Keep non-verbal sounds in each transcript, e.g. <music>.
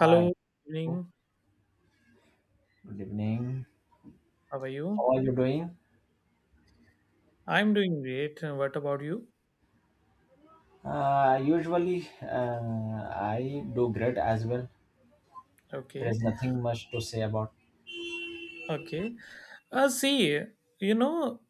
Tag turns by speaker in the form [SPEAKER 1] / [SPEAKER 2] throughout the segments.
[SPEAKER 1] Hi, good
[SPEAKER 2] evening.
[SPEAKER 1] evening.
[SPEAKER 2] How are you?
[SPEAKER 1] How are you doing?
[SPEAKER 2] I'm doing great. And what about you?
[SPEAKER 1] Usually, I do great as well. There is
[SPEAKER 2] Okay,
[SPEAKER 1] nothing much to say about.
[SPEAKER 2] okay. Uh, see, you know,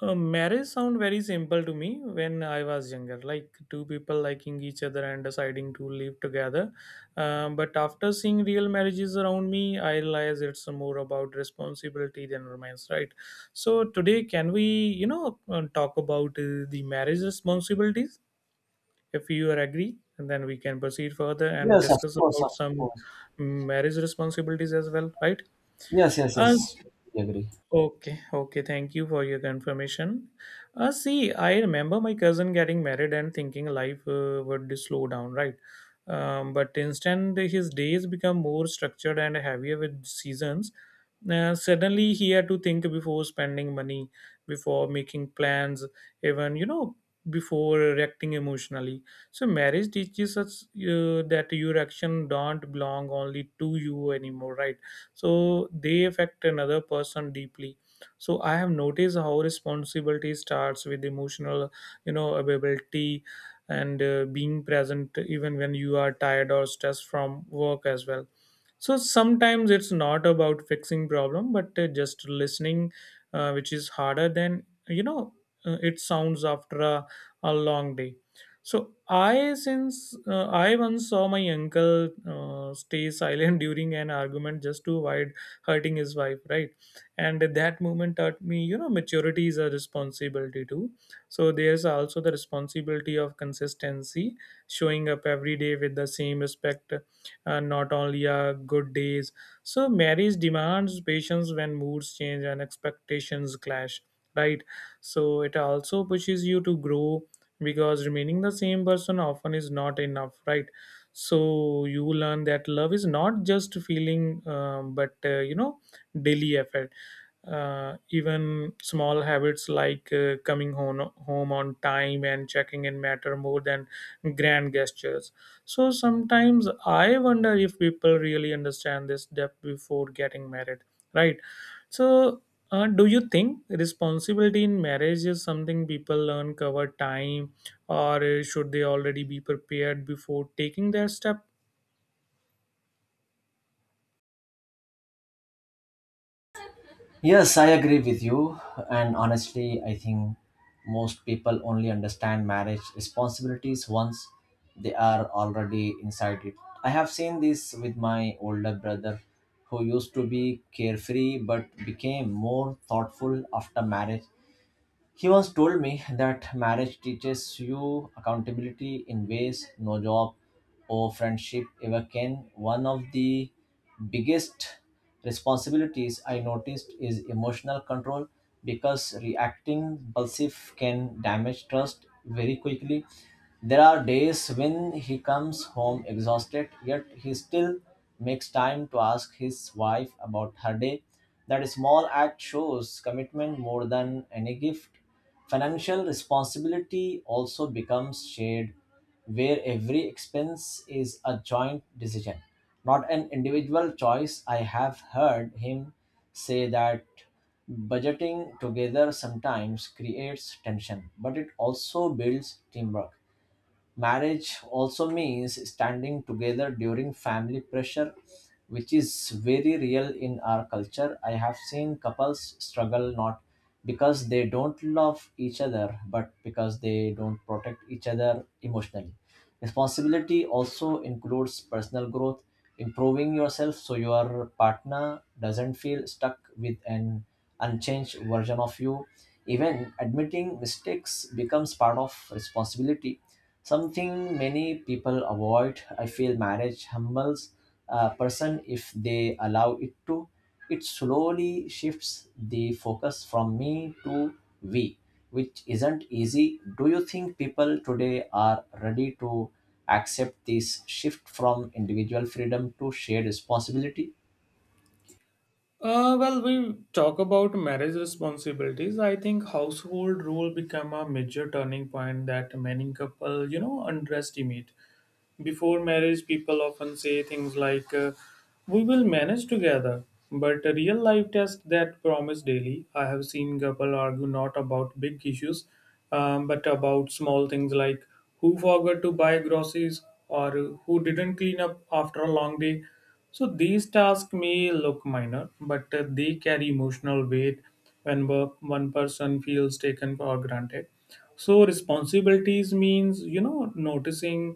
[SPEAKER 2] Marriage sound very simple to me when I was younger, like two people liking each other and deciding to live together. But after seeing real marriages around me, I realize it's more about responsibility than romance, right? So today, can we, talk about the marriage responsibilities? If you are agree, and then we can proceed further and
[SPEAKER 1] Yes, of
[SPEAKER 2] discuss
[SPEAKER 1] course,
[SPEAKER 2] about
[SPEAKER 1] of
[SPEAKER 2] some
[SPEAKER 1] course.
[SPEAKER 2] marriage responsibilities as well, right?
[SPEAKER 1] Yes, yes, yes.
[SPEAKER 2] As
[SPEAKER 1] I agree.
[SPEAKER 2] Okay, okay, thank you for your confirmation. I remember my cousin getting married and thinking life would slow down, right? But instead, his days become more structured and heavier with seasons. Suddenly, he had to think before spending money, before making plans, even, you know, before reacting emotionally. So, marriage teaches us that your action don't belong only to you anymore, right? So they affect another person deeply. So I have noticed how responsibility starts with emotional, you know, availability and being present even when you are tired or stressed from work as well. So sometimes it's not about fixing problem but just listening, which is harder than you know it sounds after a long day. So I once saw my uncle stay silent <laughs> during an argument just to avoid hurting his wife, right? And that moment taught me, you know, maturity is a responsibility too. So there's also the responsibility of consistency, showing up every day with the same respect, not only good days. So marriage demands patience when moods change and expectations clash, right? So it also pushes you to grow because remaining the same person often is not enough, right? So you learn that love is not just feeling, but daily effort. Even small habits like coming home on time and checking in matter more than grand gestures. So sometimes I wonder if people really understand this step before getting married, right? So, do you think responsibility in marriage is something people learn over time, or should they already be prepared before taking their step?
[SPEAKER 1] Yes, I agree with you. And honestly, I think most people only understand marriage responsibilities once they are already inside it. I have seen this with my older brother who used to be carefree but became more thoughtful after marriage. He once told me that marriage teaches you accountability in ways no job or friendship ever can. One of the biggest responsibilities I noticed is emotional control because reacting impulsive can damage trust very quickly. There are days when he comes home exhausted, yet he still makes time to ask his wife about her day. That small act shows commitment more than any gift. Financial responsibility also becomes shared, where every expense is a joint decision, not an individual choice. I have heard him say that budgeting together sometimes creates tension, but it also builds teamwork. Marriage also means standing together during family pressure, which is very real in our culture. I have seen couples struggle not because they don't love each other, but because they don't protect each other emotionally. Responsibility also includes personal growth, improving yourself so your partner doesn't feel stuck with an unchanged version of you. Even admitting mistakes becomes part of responsibility, something many people avoid. I feel marriage humbles a person if they allow it to. It slowly shifts the focus from me to we, which isn't easy. Do you think people today are ready to accept this shift from individual freedom to shared responsibility?
[SPEAKER 2] Well, we talk about marriage responsibilities. I think household rule become a major turning point that many couple, you know, underestimate. Before marriage, people often say things like, we will manage together. But a real life test that promise daily. I have seen couple argue not about big issues, but about small things like who forgot to buy groceries or who didn't clean up after a long day. So these tasks may look minor, but they carry emotional weight when one person feels taken for granted. So responsibilities means, you know, noticing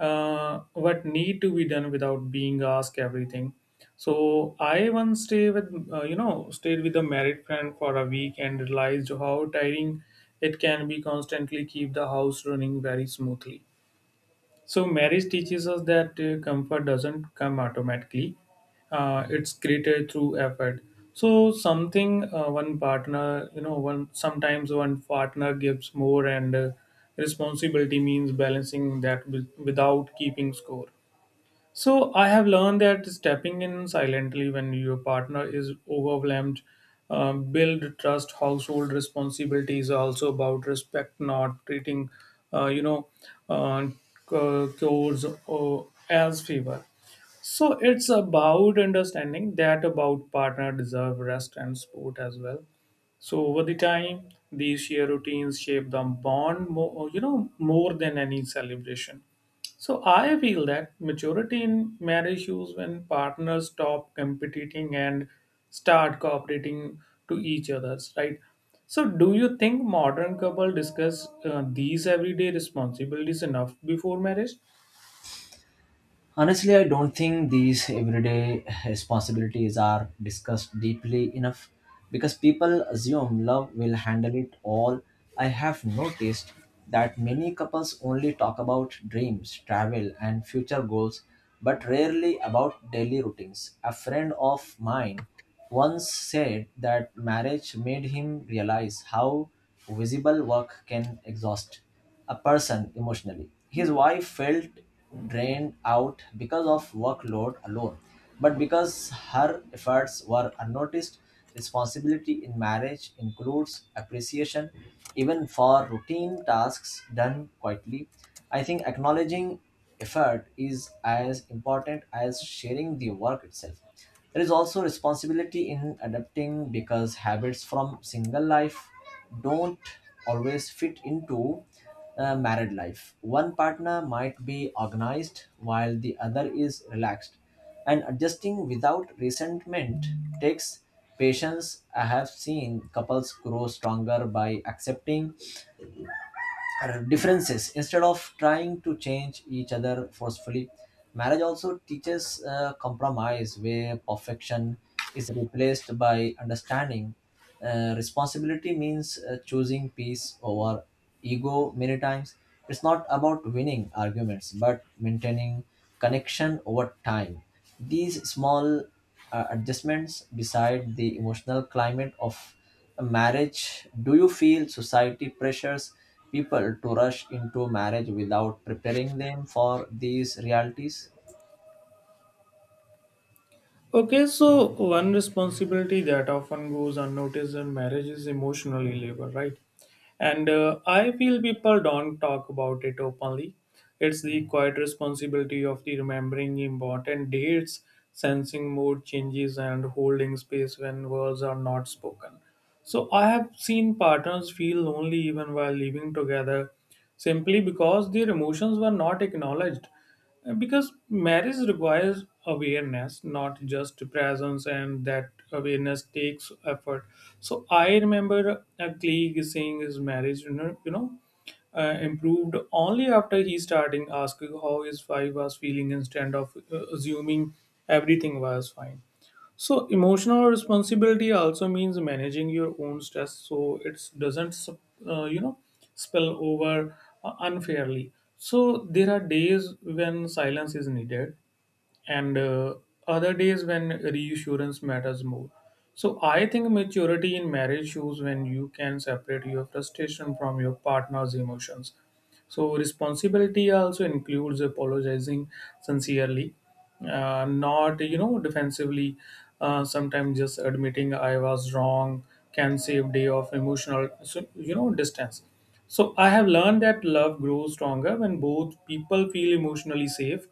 [SPEAKER 2] what need to be done without being asked everything. So I once stayed with a married friend for a week and realized how tiring it can be constantly keep the house running very smoothly. So, marriage teaches us that comfort doesn't come automatically, it's created through effort. So, something one partner, you know, one sometimes one partner gives more, and responsibility means balancing that with, without keeping score. So I have learned that stepping in silently when your partner is overwhelmed, build trust. Household responsibility is also about respect, not treating, uh, you know, uh, chores or as favor. So it's about understanding that about partner deserve rest and support as well. So over the time, these shared routines shape the bond more, more than any celebration. So I feel that maturity in marriage is when partners stop competing and start cooperating to each other's, right? So do you think modern couple discuss these everyday responsibilities enough before marriage?
[SPEAKER 1] Honestly, I don't think these everyday responsibilities are discussed deeply enough because people assume love will handle it all. I have noticed that many couples only talk about dreams, travel, and future goals, but rarely about daily routines. A friend of mine once said that marriage made him realize how visible work can exhaust a person emotionally. His wife felt drained out because of workload alone, but because her efforts were unnoticed, responsibility in marriage includes appreciation even for routine tasks done quietly. I think acknowledging effort is as important as sharing the work itself. There is also responsibility in adapting because habits from single life don't always fit into married life. One partner might be organized while the other is relaxed, and adjusting without resentment takes patience. I have seen couples grow stronger by accepting differences instead of trying to change each other forcefully. Marriage also teaches compromise where perfection is replaced by understanding. Responsibility means choosing peace over ego many times. It's not about winning arguments but maintaining connection over time. These small adjustments decide the emotional climate of marriage. Do you feel society pressures people to rush into marriage without preparing them for these realities?
[SPEAKER 2] Okay, so one responsibility that often goes unnoticed in marriage is emotional labor, right? And I feel people don't talk about it openly. It's the quiet responsibility of the remembering important dates, sensing mood changes, and holding space when words are not spoken. So I have seen partners feel lonely even while living together simply because their emotions were not acknowledged. Because marriage requires awareness not just presence, and that awareness takes effort. So I remember a colleague saying his marriage improved only after he starting asking how his wife was feeling instead of assuming everything was fine. So emotional responsibility also means managing your own stress so it doesn't uh, you know spill over unfairly. So there are days when silence is needed and other days when reassurance matters more. So I think maturity in marriage shows when you can separate your frustration from your partner's emotions. So responsibility also includes apologizing sincerely, not, you know, defensively. Sometimes just admitting I was wrong can save day of emotional, distance. So I have learned that love grows stronger when both people feel emotionally safe.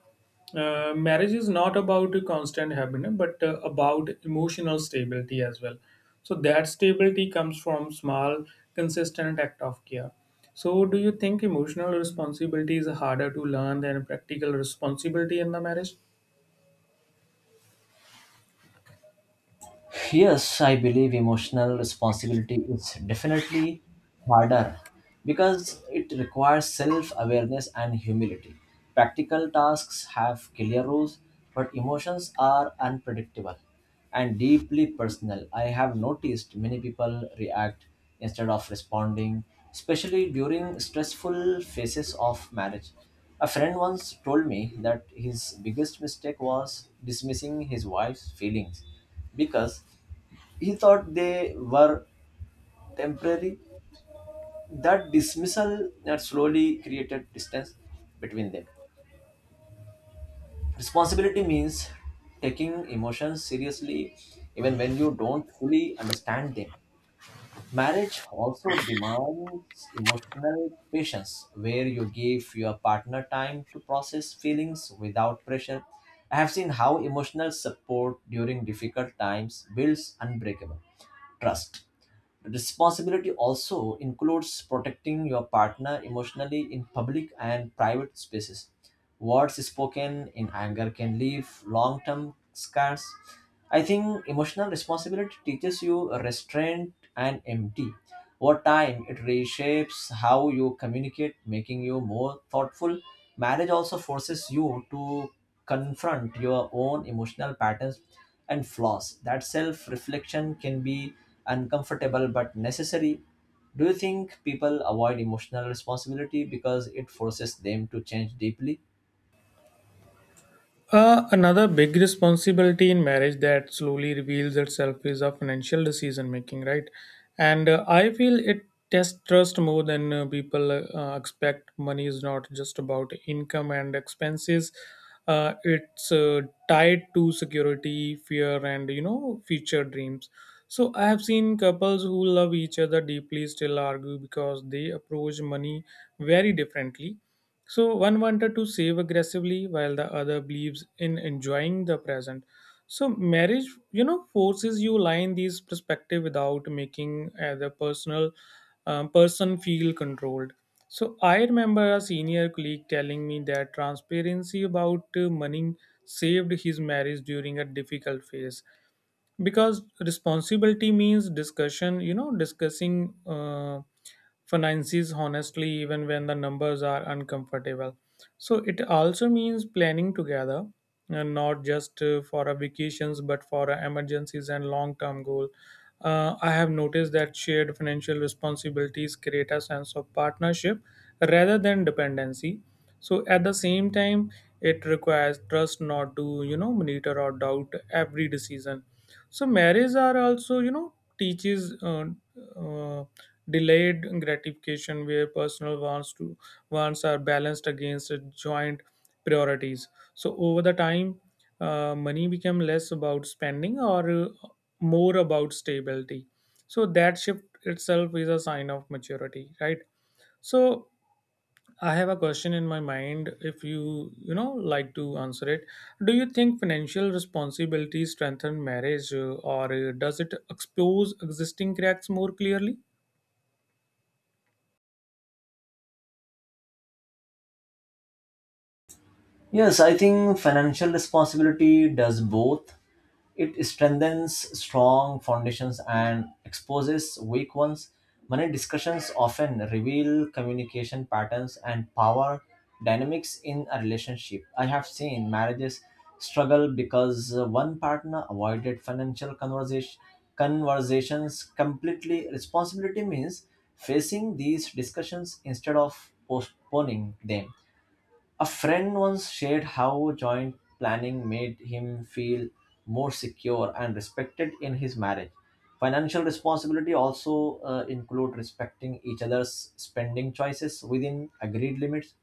[SPEAKER 2] Uh, marriage is not about a constant happiness but about emotional stability as well. So that stability comes from small consistent act of care. So do you think emotional responsibility is harder to learn than practical responsibility in the marriage?
[SPEAKER 1] Yes, I believe emotional responsibility is definitely harder because it requires self awareness and humility. Practical tasks have clear rules, but emotions are unpredictable and deeply personal. I have noticed many people react instead of responding, especially during stressful phases of marriage. A friend once told me that his biggest mistake was dismissing his wife's feelings because he thought they were temporary. That dismissal had slowly created distance between them. Responsibility means taking emotions seriously even when you don't fully understand them. Marriage also demands emotional patience, where you give your partner time to process feelings without pressure. I have seen how emotional support during difficult times builds unbreakable trust. Responsibility also includes protecting your partner emotionally in public and private spaces. Words spoken in anger can leave long term scars. I think emotional responsibility teaches you restraint and empathy. Over time, it reshapes how you communicate, making you more thoughtful. Marriage also forces you to confront your own emotional patterns and flaws. That self reflection can be uncomfortable but necessary. Do you think people avoid emotional responsibility because it forces them to change deeply?
[SPEAKER 2] Another big responsibility in marriage that slowly reveals itself is a financial decision making, right? And I feel it tests trust more than people expect. Money is not just about income and expenses. It's tied to security, fear, and, you know, future dreams. So I have seen couples who love each other deeply still argue because they approach money very differently. So one wanted to save aggressively while the other believes in enjoying the present. So marriage, you know, forces you line these perspective without making the person feel controlled. So I remember a senior colleague telling me that transparency about money saved his marriage during a difficult phase because responsibility means discussion you know discussing finances honestly even when the numbers are uncomfortable. So it also means planning together, and not just for our vacations but for our emergencies and long term goal. Uh, I have noticed that shared financial responsibilities create a sense of partnership rather than dependency. So at the same time, it requires trust not to, you know, monitor or doubt every decision. So marriage are also, you know, teaches uh, delayed gratification where personal wants are balanced against joint priorities. So over the time, money become less about spending or more about stability. So that shift itself is a sign of maturity, right? So I have a question in my mind if you, you know, like to answer it. Do you think financial responsibility strengthen marriage or does it expose existing cracks more clearly?
[SPEAKER 1] Yes, I think financial responsibility does both. It strengthens strong foundations and exposes weak ones. Money discussions often reveal communication patterns and power dynamics in a relationship. I have seen marriages struggle because one partner avoided financial conversations completely. Responsibility means facing these discussions instead of postponing them. A friend once shared how joint planning made him feel more secure and respected in his marriage. Financial responsibility also include respecting each other's spending choices within agreed limits.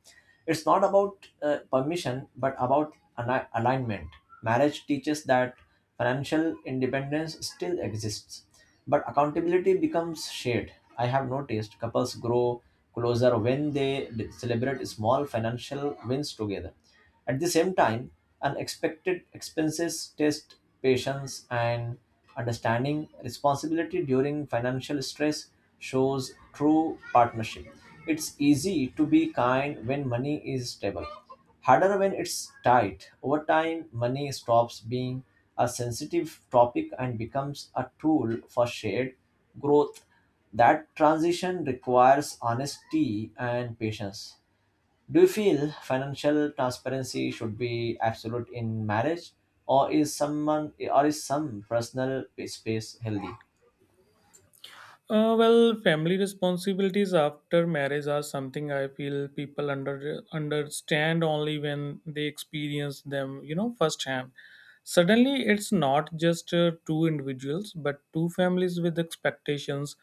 [SPEAKER 1] It's not about permission but about alignment. Marriage teaches that financial independence still exists, but accountability becomes shared. I have noticed couples grow closer when they celebrate small financial wins together. At the same time, unexpected expenses test patience and understanding. Responsibility during financial stress shows true partnership. It's easy to be kind when money is stable, harder when it's tight. Over time, money stops being a sensitive topic and becomes a tool for shared growth. That transition requires honesty and patience. Do you feel financial transparency should be absolute in marriage, or is some personal space healthy?
[SPEAKER 2] Well, family responsibilities after marriage are something I feel people understand only when they experience them, you know, firsthand. Suddenly, it's not just two individuals, but two families with expectations,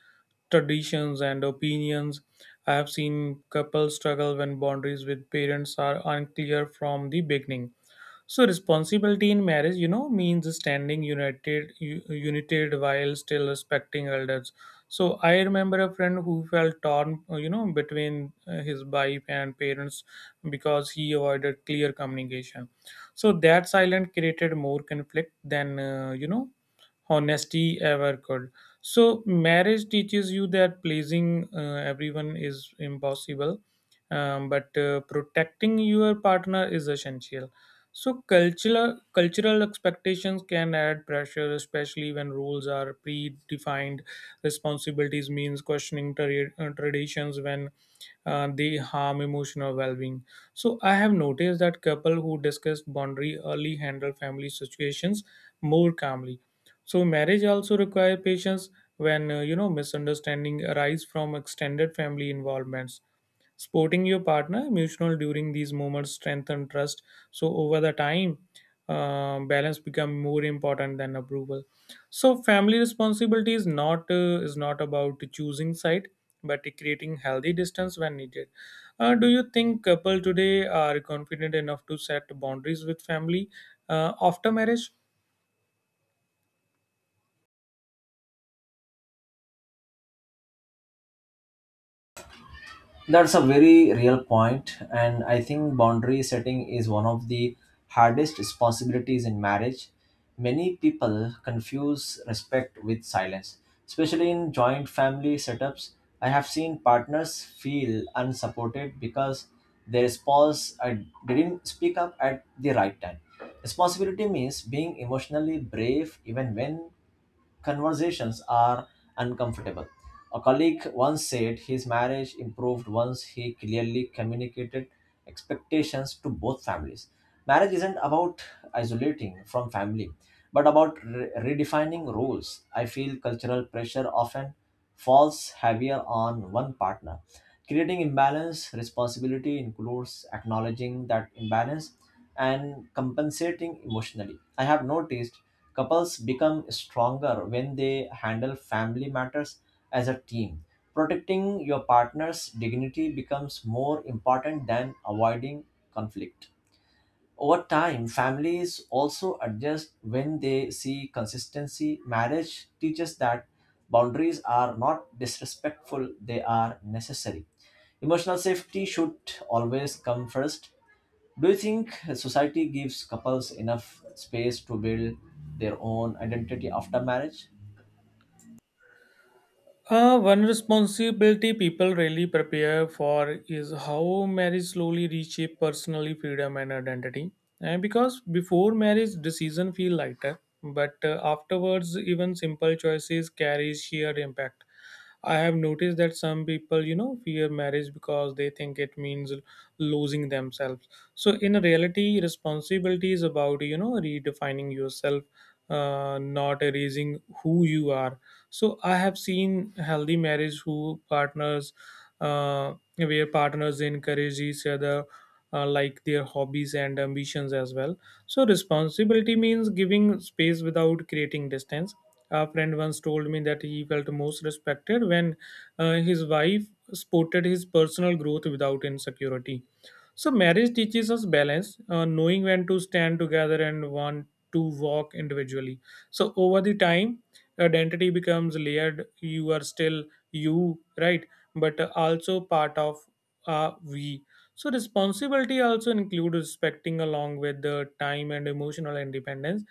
[SPEAKER 2] traditions, and opinions. I have seen couples struggle when boundaries with parents are unclear from the beginning. So responsibility in marriage, you know, means standing united, united while still respecting elders. So I remember a friend who felt torn, between his wife and parents because he avoided clear communication. So that silence created more conflict than honesty ever could. So marriage teaches you that pleasing everyone is impossible, but protecting your partner is essential. So cultural expectations can add pressure, especially when rules are predefined. Responsibilities means questioning traditions when they harm emotional well-being. So I have noticed that couple who discuss boundary early handle family situations more calmly. So marriage also require patience when misunderstanding arise from extended family involvements. Supporting your partner emotional during these moments strengthen trust. So over the time, balance become more important than approval. So family responsibility is not about choosing side, but creating healthy distance when needed. Do you think couple today are confident enough to set boundaries with family after marriage?
[SPEAKER 1] That's a very real point, and I think boundary setting is one of the hardest responsibilities in marriage. Many people confuse respect with silence, especially in joint family setups. I have seen partners feel unsupported because their spouse didn't speak up at the right time. Responsibility means being emotionally brave even when conversations are uncomfortable. A colleague once said his marriage improved once he clearly communicated expectations to both families. Marriage isn't about isolating from family, but about redefining roles. I feel cultural pressure often falls heavier on one partner, creating imbalance. Responsibility includes acknowledging that imbalance and compensating emotionally. I have noticed couples become stronger when they handle family matters as a team. Protecting your partner's dignity becomes more important than avoiding conflict. Over time, families also adjust when they see consistency. Marriage teaches that boundaries are not disrespectful, they are necessary. Emotional safety should always come first. Do you think society gives couples enough space to build their own identity after marriage?
[SPEAKER 2] One responsibility people really prepare for is how marriage slowly reshape personally freedom and identity. And because before marriage, decision feel lighter, but afterwards, even simple choices carry sheer impact. I have noticed that some people, you know, fear marriage because they think it means losing themselves. So, in reality, responsibility is about, you know, redefining yourself, not erasing who you are. So, I have seen healthy marriage where partners encourage each other, like their hobbies and ambitions as well. So, responsibility means giving space without creating distance. A friend once told me that he felt most respected when his wife supported his personal growth without insecurity. So, marriage teaches us balance, knowing when to stand together and want to walk individually. So, over the time, identity becomes layered. You are still you, right? But also part of a we. So, responsibility also includes respecting along with the time and emotional independence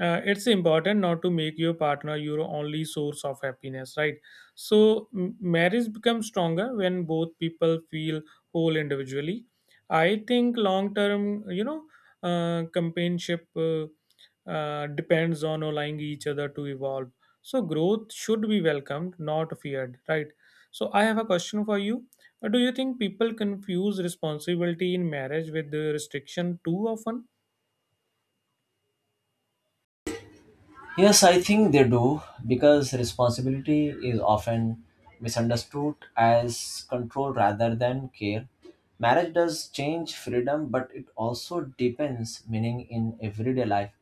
[SPEAKER 2] uh, It's important not to make your partner your only source of happiness, right? So marriage becomes stronger when both people feel whole individually. I think long term, companionship depends on allowing each other to evolve. So growth should be welcomed, not feared, right? So I have a question for you. Do you think people confuse responsibility in marriage with the restriction too often?
[SPEAKER 1] Yes, I think they do because responsibility is often misunderstood as control rather than care. Marriage does change freedom, but it also deepens meaning in everyday life.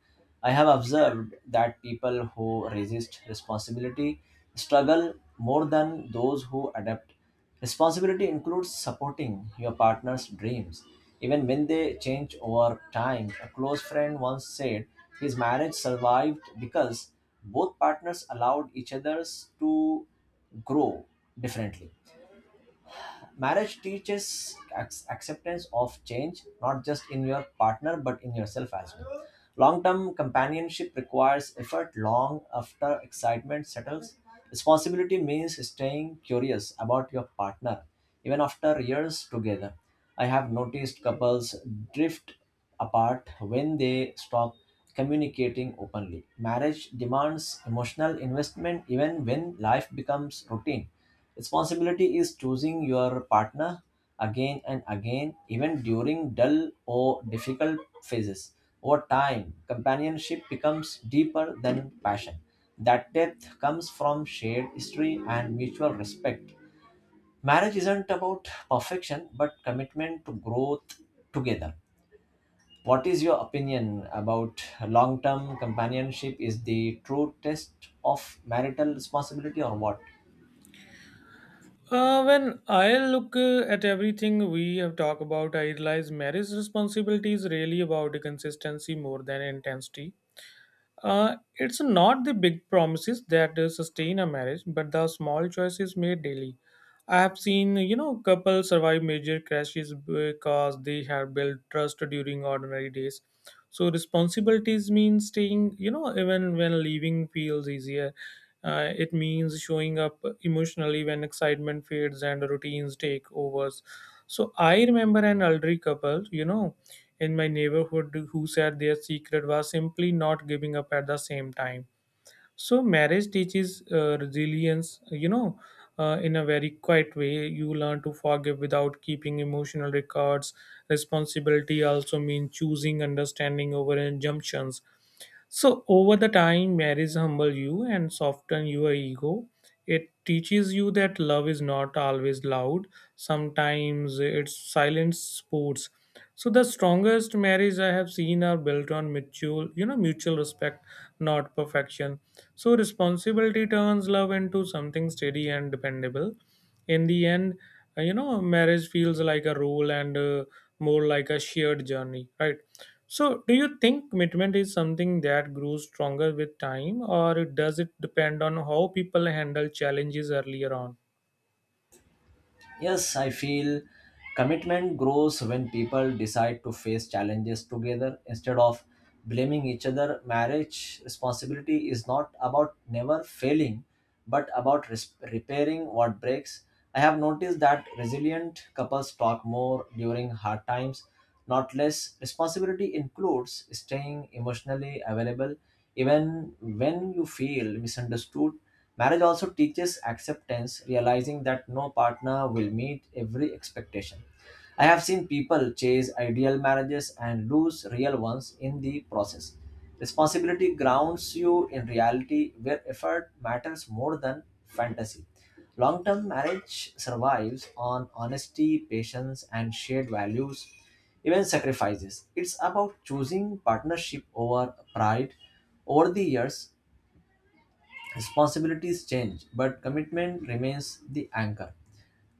[SPEAKER 1] I have observed that people who resist responsibility struggle more than those who adapt. Responsibility includes supporting your partner's dreams, even when they change over time. A close friend once said his marriage survived because both partners allowed each other's to grow differently. Marriage teaches acceptance of change, not just in your partner, but in yourself as well. Long term companionship requires effort long after excitement settles. Responsibility means staying curious about your partner, even after years together. I have noticed couples drift apart when they stop communicating openly. Marriage demands emotional investment even when life becomes routine. Responsibility is choosing your partner again and again, even during dull or difficult phases. Over time, companionship becomes deeper than passion. That depth comes from shared history and mutual respect. Marriage isn't about perfection, but commitment to growth together. What is your opinion about long term companionship? Is the true test of marital responsibility or what?
[SPEAKER 2] When I look at everything we have talked about, I realize marriage responsibility is really about consistency more than intensity. It's not the big promises that sustain a marriage, but the small choices made daily. I have seen, you know, couples survive major crashes because they have built trust during ordinary days. So responsibilities mean staying, you know, even when leaving feels easier. It means showing up emotionally when excitement fades and routines take overs. So I remember an elderly couple, you know, in my neighborhood who said their secret was simply not giving up at the same time. So, marriage teaches resilience, you know, in a very quiet way. You learn to forgive without keeping emotional records. Responsibility also means choosing understanding over injunctions. So over the time, marriage humble you and soften your ego. It teaches you that love is not always loud. Sometimes it's silent sports. So the strongest marriage I have seen are built on mutual, you know, mutual respect, not perfection. So responsibility turns love into something steady and dependable. In the end, you know, marriage feels like a role and more like a shared journey, right? So, do you think commitment is something that grows stronger with time, or does it depend on how people handle challenges earlier on?
[SPEAKER 1] Yes, I feel commitment grows when people decide to face challenges together instead of blaming each other. Marriage responsibility is not about never failing, but about repairing what breaks. I have noticed that resilient couples talk more during hard times, not less. Responsibility includes staying emotionally available even when you feel misunderstood. Marriage also teaches acceptance, realizing that no partner will meet every expectation. I have seen people chase ideal marriages and lose real ones in the process. Responsibility grounds you in reality where effort matters more than fantasy. Long term marriage survives on honesty, patience, and shared values, even sacrifices. It's about choosing partnership over pride. Over the years, responsibilities change, but commitment remains the anchor.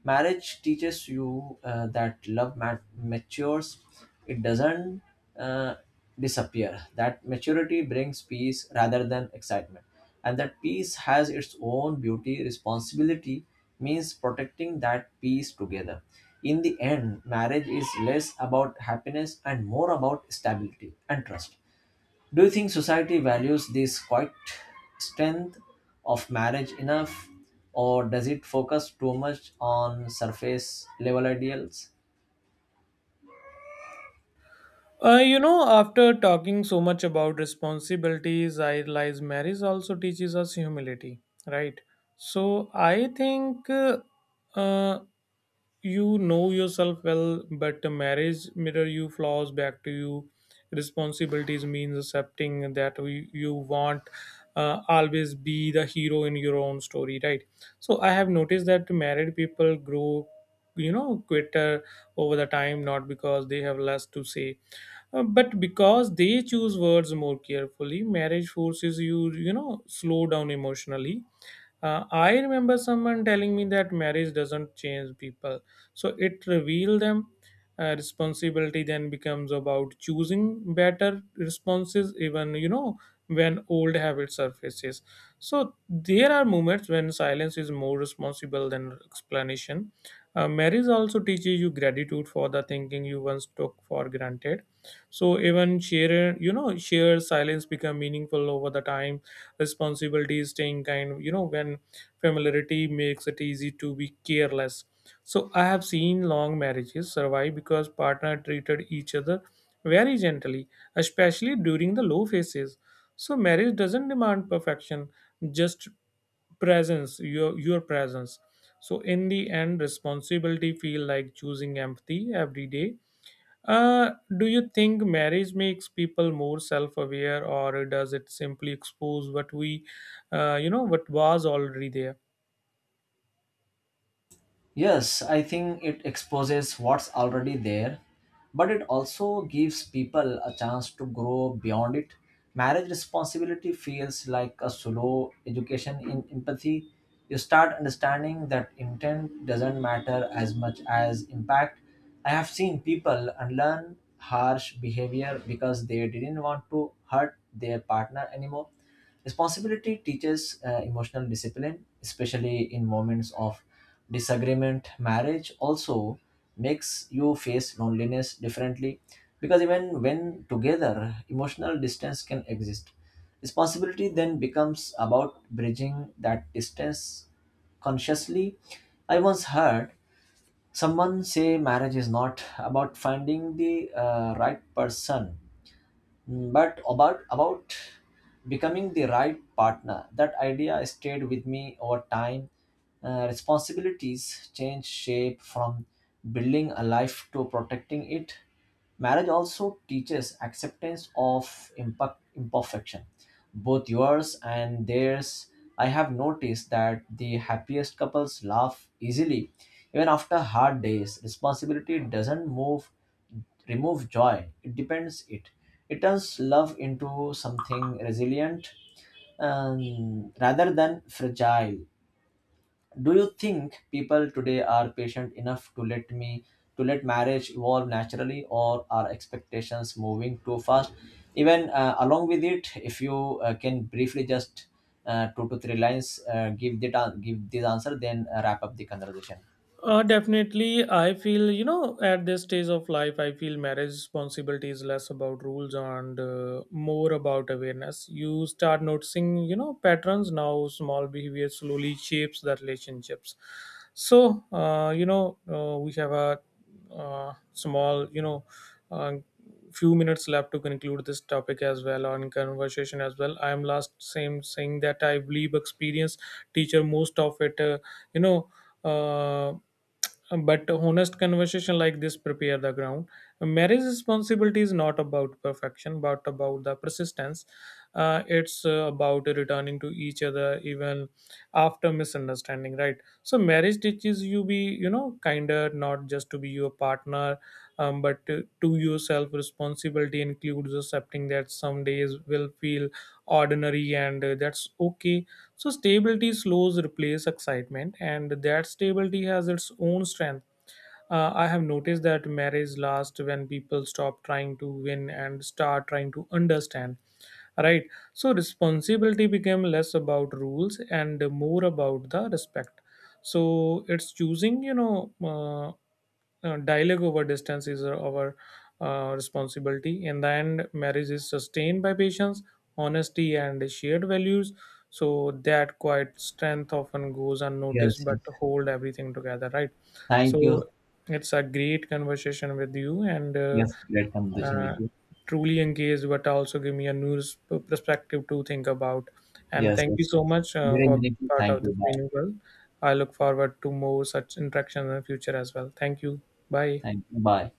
[SPEAKER 1] Marriage teaches you that love matures, it doesn't uh, disappear. That maturity brings peace rather than excitement. And that peace has its own beauty. Responsibility means protecting that peace together. In the end, marriage is less about happiness and more about stability and trust. Do you think society values this quiet strength of marriage enough, or does it focus too much on surface level ideals?
[SPEAKER 2] You know, after talking so much about responsibilities, I realize marriage also teaches us humility, right? So I think, uh, you know yourself well, but the marriage mirror you flaws back to you. Responsibilities means accepting that we, you want always be the hero in your own story, right? So I have noticed that married people grow, you know, quitter over the time, not because they have less to say, but because they choose words more carefully. Marriage forces you, you know, slow down emotionally. I remember someone telling me that marriage doesn't change people, so it reveals them. Responsibility then becomes about choosing better responses, even, you know, when old habit surfaces. So there are moments when silence is more responsible than explanation. Marriage also teaches you gratitude for the thinking you once took for granted. So even shared silence become meaningful over the time. Responsibility staying kind, you know, when familiarity makes it easy to be careless. So I have seen long marriages survive because partner treated each other very gently, especially during the low phases. So marriage doesn't demand perfection, just presence. Your presence. So in the end, responsibility feel like choosing empathy every day. uh, do you think marriage makes people more self-aware, or does it simply expose what we, you know, what was already there?
[SPEAKER 1] Yes, I think it exposes what's already there, but it also gives people a chance to grow beyond it. Marriage responsibility feels like a slow education in empathy. You start understanding that intent doesn't matter as much as impact. I have seen people unlearn harsh behavior because they didn't want to hurt their partner anymore. Responsibility teaches emotional discipline, especially in moments of disagreement. Marriage also makes you face loneliness differently because even when together, emotional distance can exist. Responsibility then becomes about bridging that distance consciously. I once heard someone say marriage is not about finding the right person. Mm. But about becoming the right partner, that idea stayed with me over time. Responsibilities change shape from building a life to protecting it. Marriage also teaches acceptance of imperfection, both yours and theirs. I have noticed that the happiest couples laugh easily even after hard days. Responsibility doesn't move remove joy, it it turns love into something resilient, rather than fragile. Do you think people today are patient enough to let me to let marriage evolve naturally, or are expectations moving too fast even along with it? If you can briefly just 2 to 3 lines give give this answer, then wrap up the conversation.
[SPEAKER 2] Definitely, I feel, you know, at this stage of life, I feel marriage responsibility is less about rules and, more about awareness. You start noticing, you know, patterns now. Small behavior slowly shapes the relationships. So you know, we have a small, you know, uh, few minutes left to conclude this topic as well on conversation as well. I am last same saying that I believe experience teacher most of it. You know. Uh, but a honest conversation like this prepare the ground. Marriage responsibility is not about perfection, but about the persistence. It's about returning to each other even after misunderstanding, right? So marriage teaches you be, you know, kinder, not just to be your partner, but to yourself. Responsibility includes accepting that some days will feel ordinary, and that's okay. So stability slows replace excitement, and that stability has its own strength. I have noticed that marriage lasts when people stop trying to win and start trying to understand. Right. So responsibility became less about rules and more about the respect. So it's choosing, you know, dialogue over distance is our responsibility. In the end, marriage is sustained by patience, honesty, and shared values. So that quiet strength often goes unnoticed,
[SPEAKER 1] Yes,
[SPEAKER 2] but
[SPEAKER 1] yes,
[SPEAKER 2] hold everything together, right?
[SPEAKER 1] thank
[SPEAKER 2] So
[SPEAKER 1] you.
[SPEAKER 2] it's a great conversation with you, and
[SPEAKER 1] Yes, great conversation
[SPEAKER 2] uh,
[SPEAKER 1] with you.
[SPEAKER 2] truly engaged, but also give me a new perspective to think about. And
[SPEAKER 1] Yes,
[SPEAKER 2] thank you
[SPEAKER 1] yes.
[SPEAKER 2] so much
[SPEAKER 1] Very
[SPEAKER 2] for being
[SPEAKER 1] meaningful.
[SPEAKER 2] part
[SPEAKER 1] Thank
[SPEAKER 2] of
[SPEAKER 1] you.
[SPEAKER 2] this
[SPEAKER 1] Bye.
[SPEAKER 2] meaningful. I look forward to more such interactions in the future as well. Thank you, bye.
[SPEAKER 1] Thank you. Bye.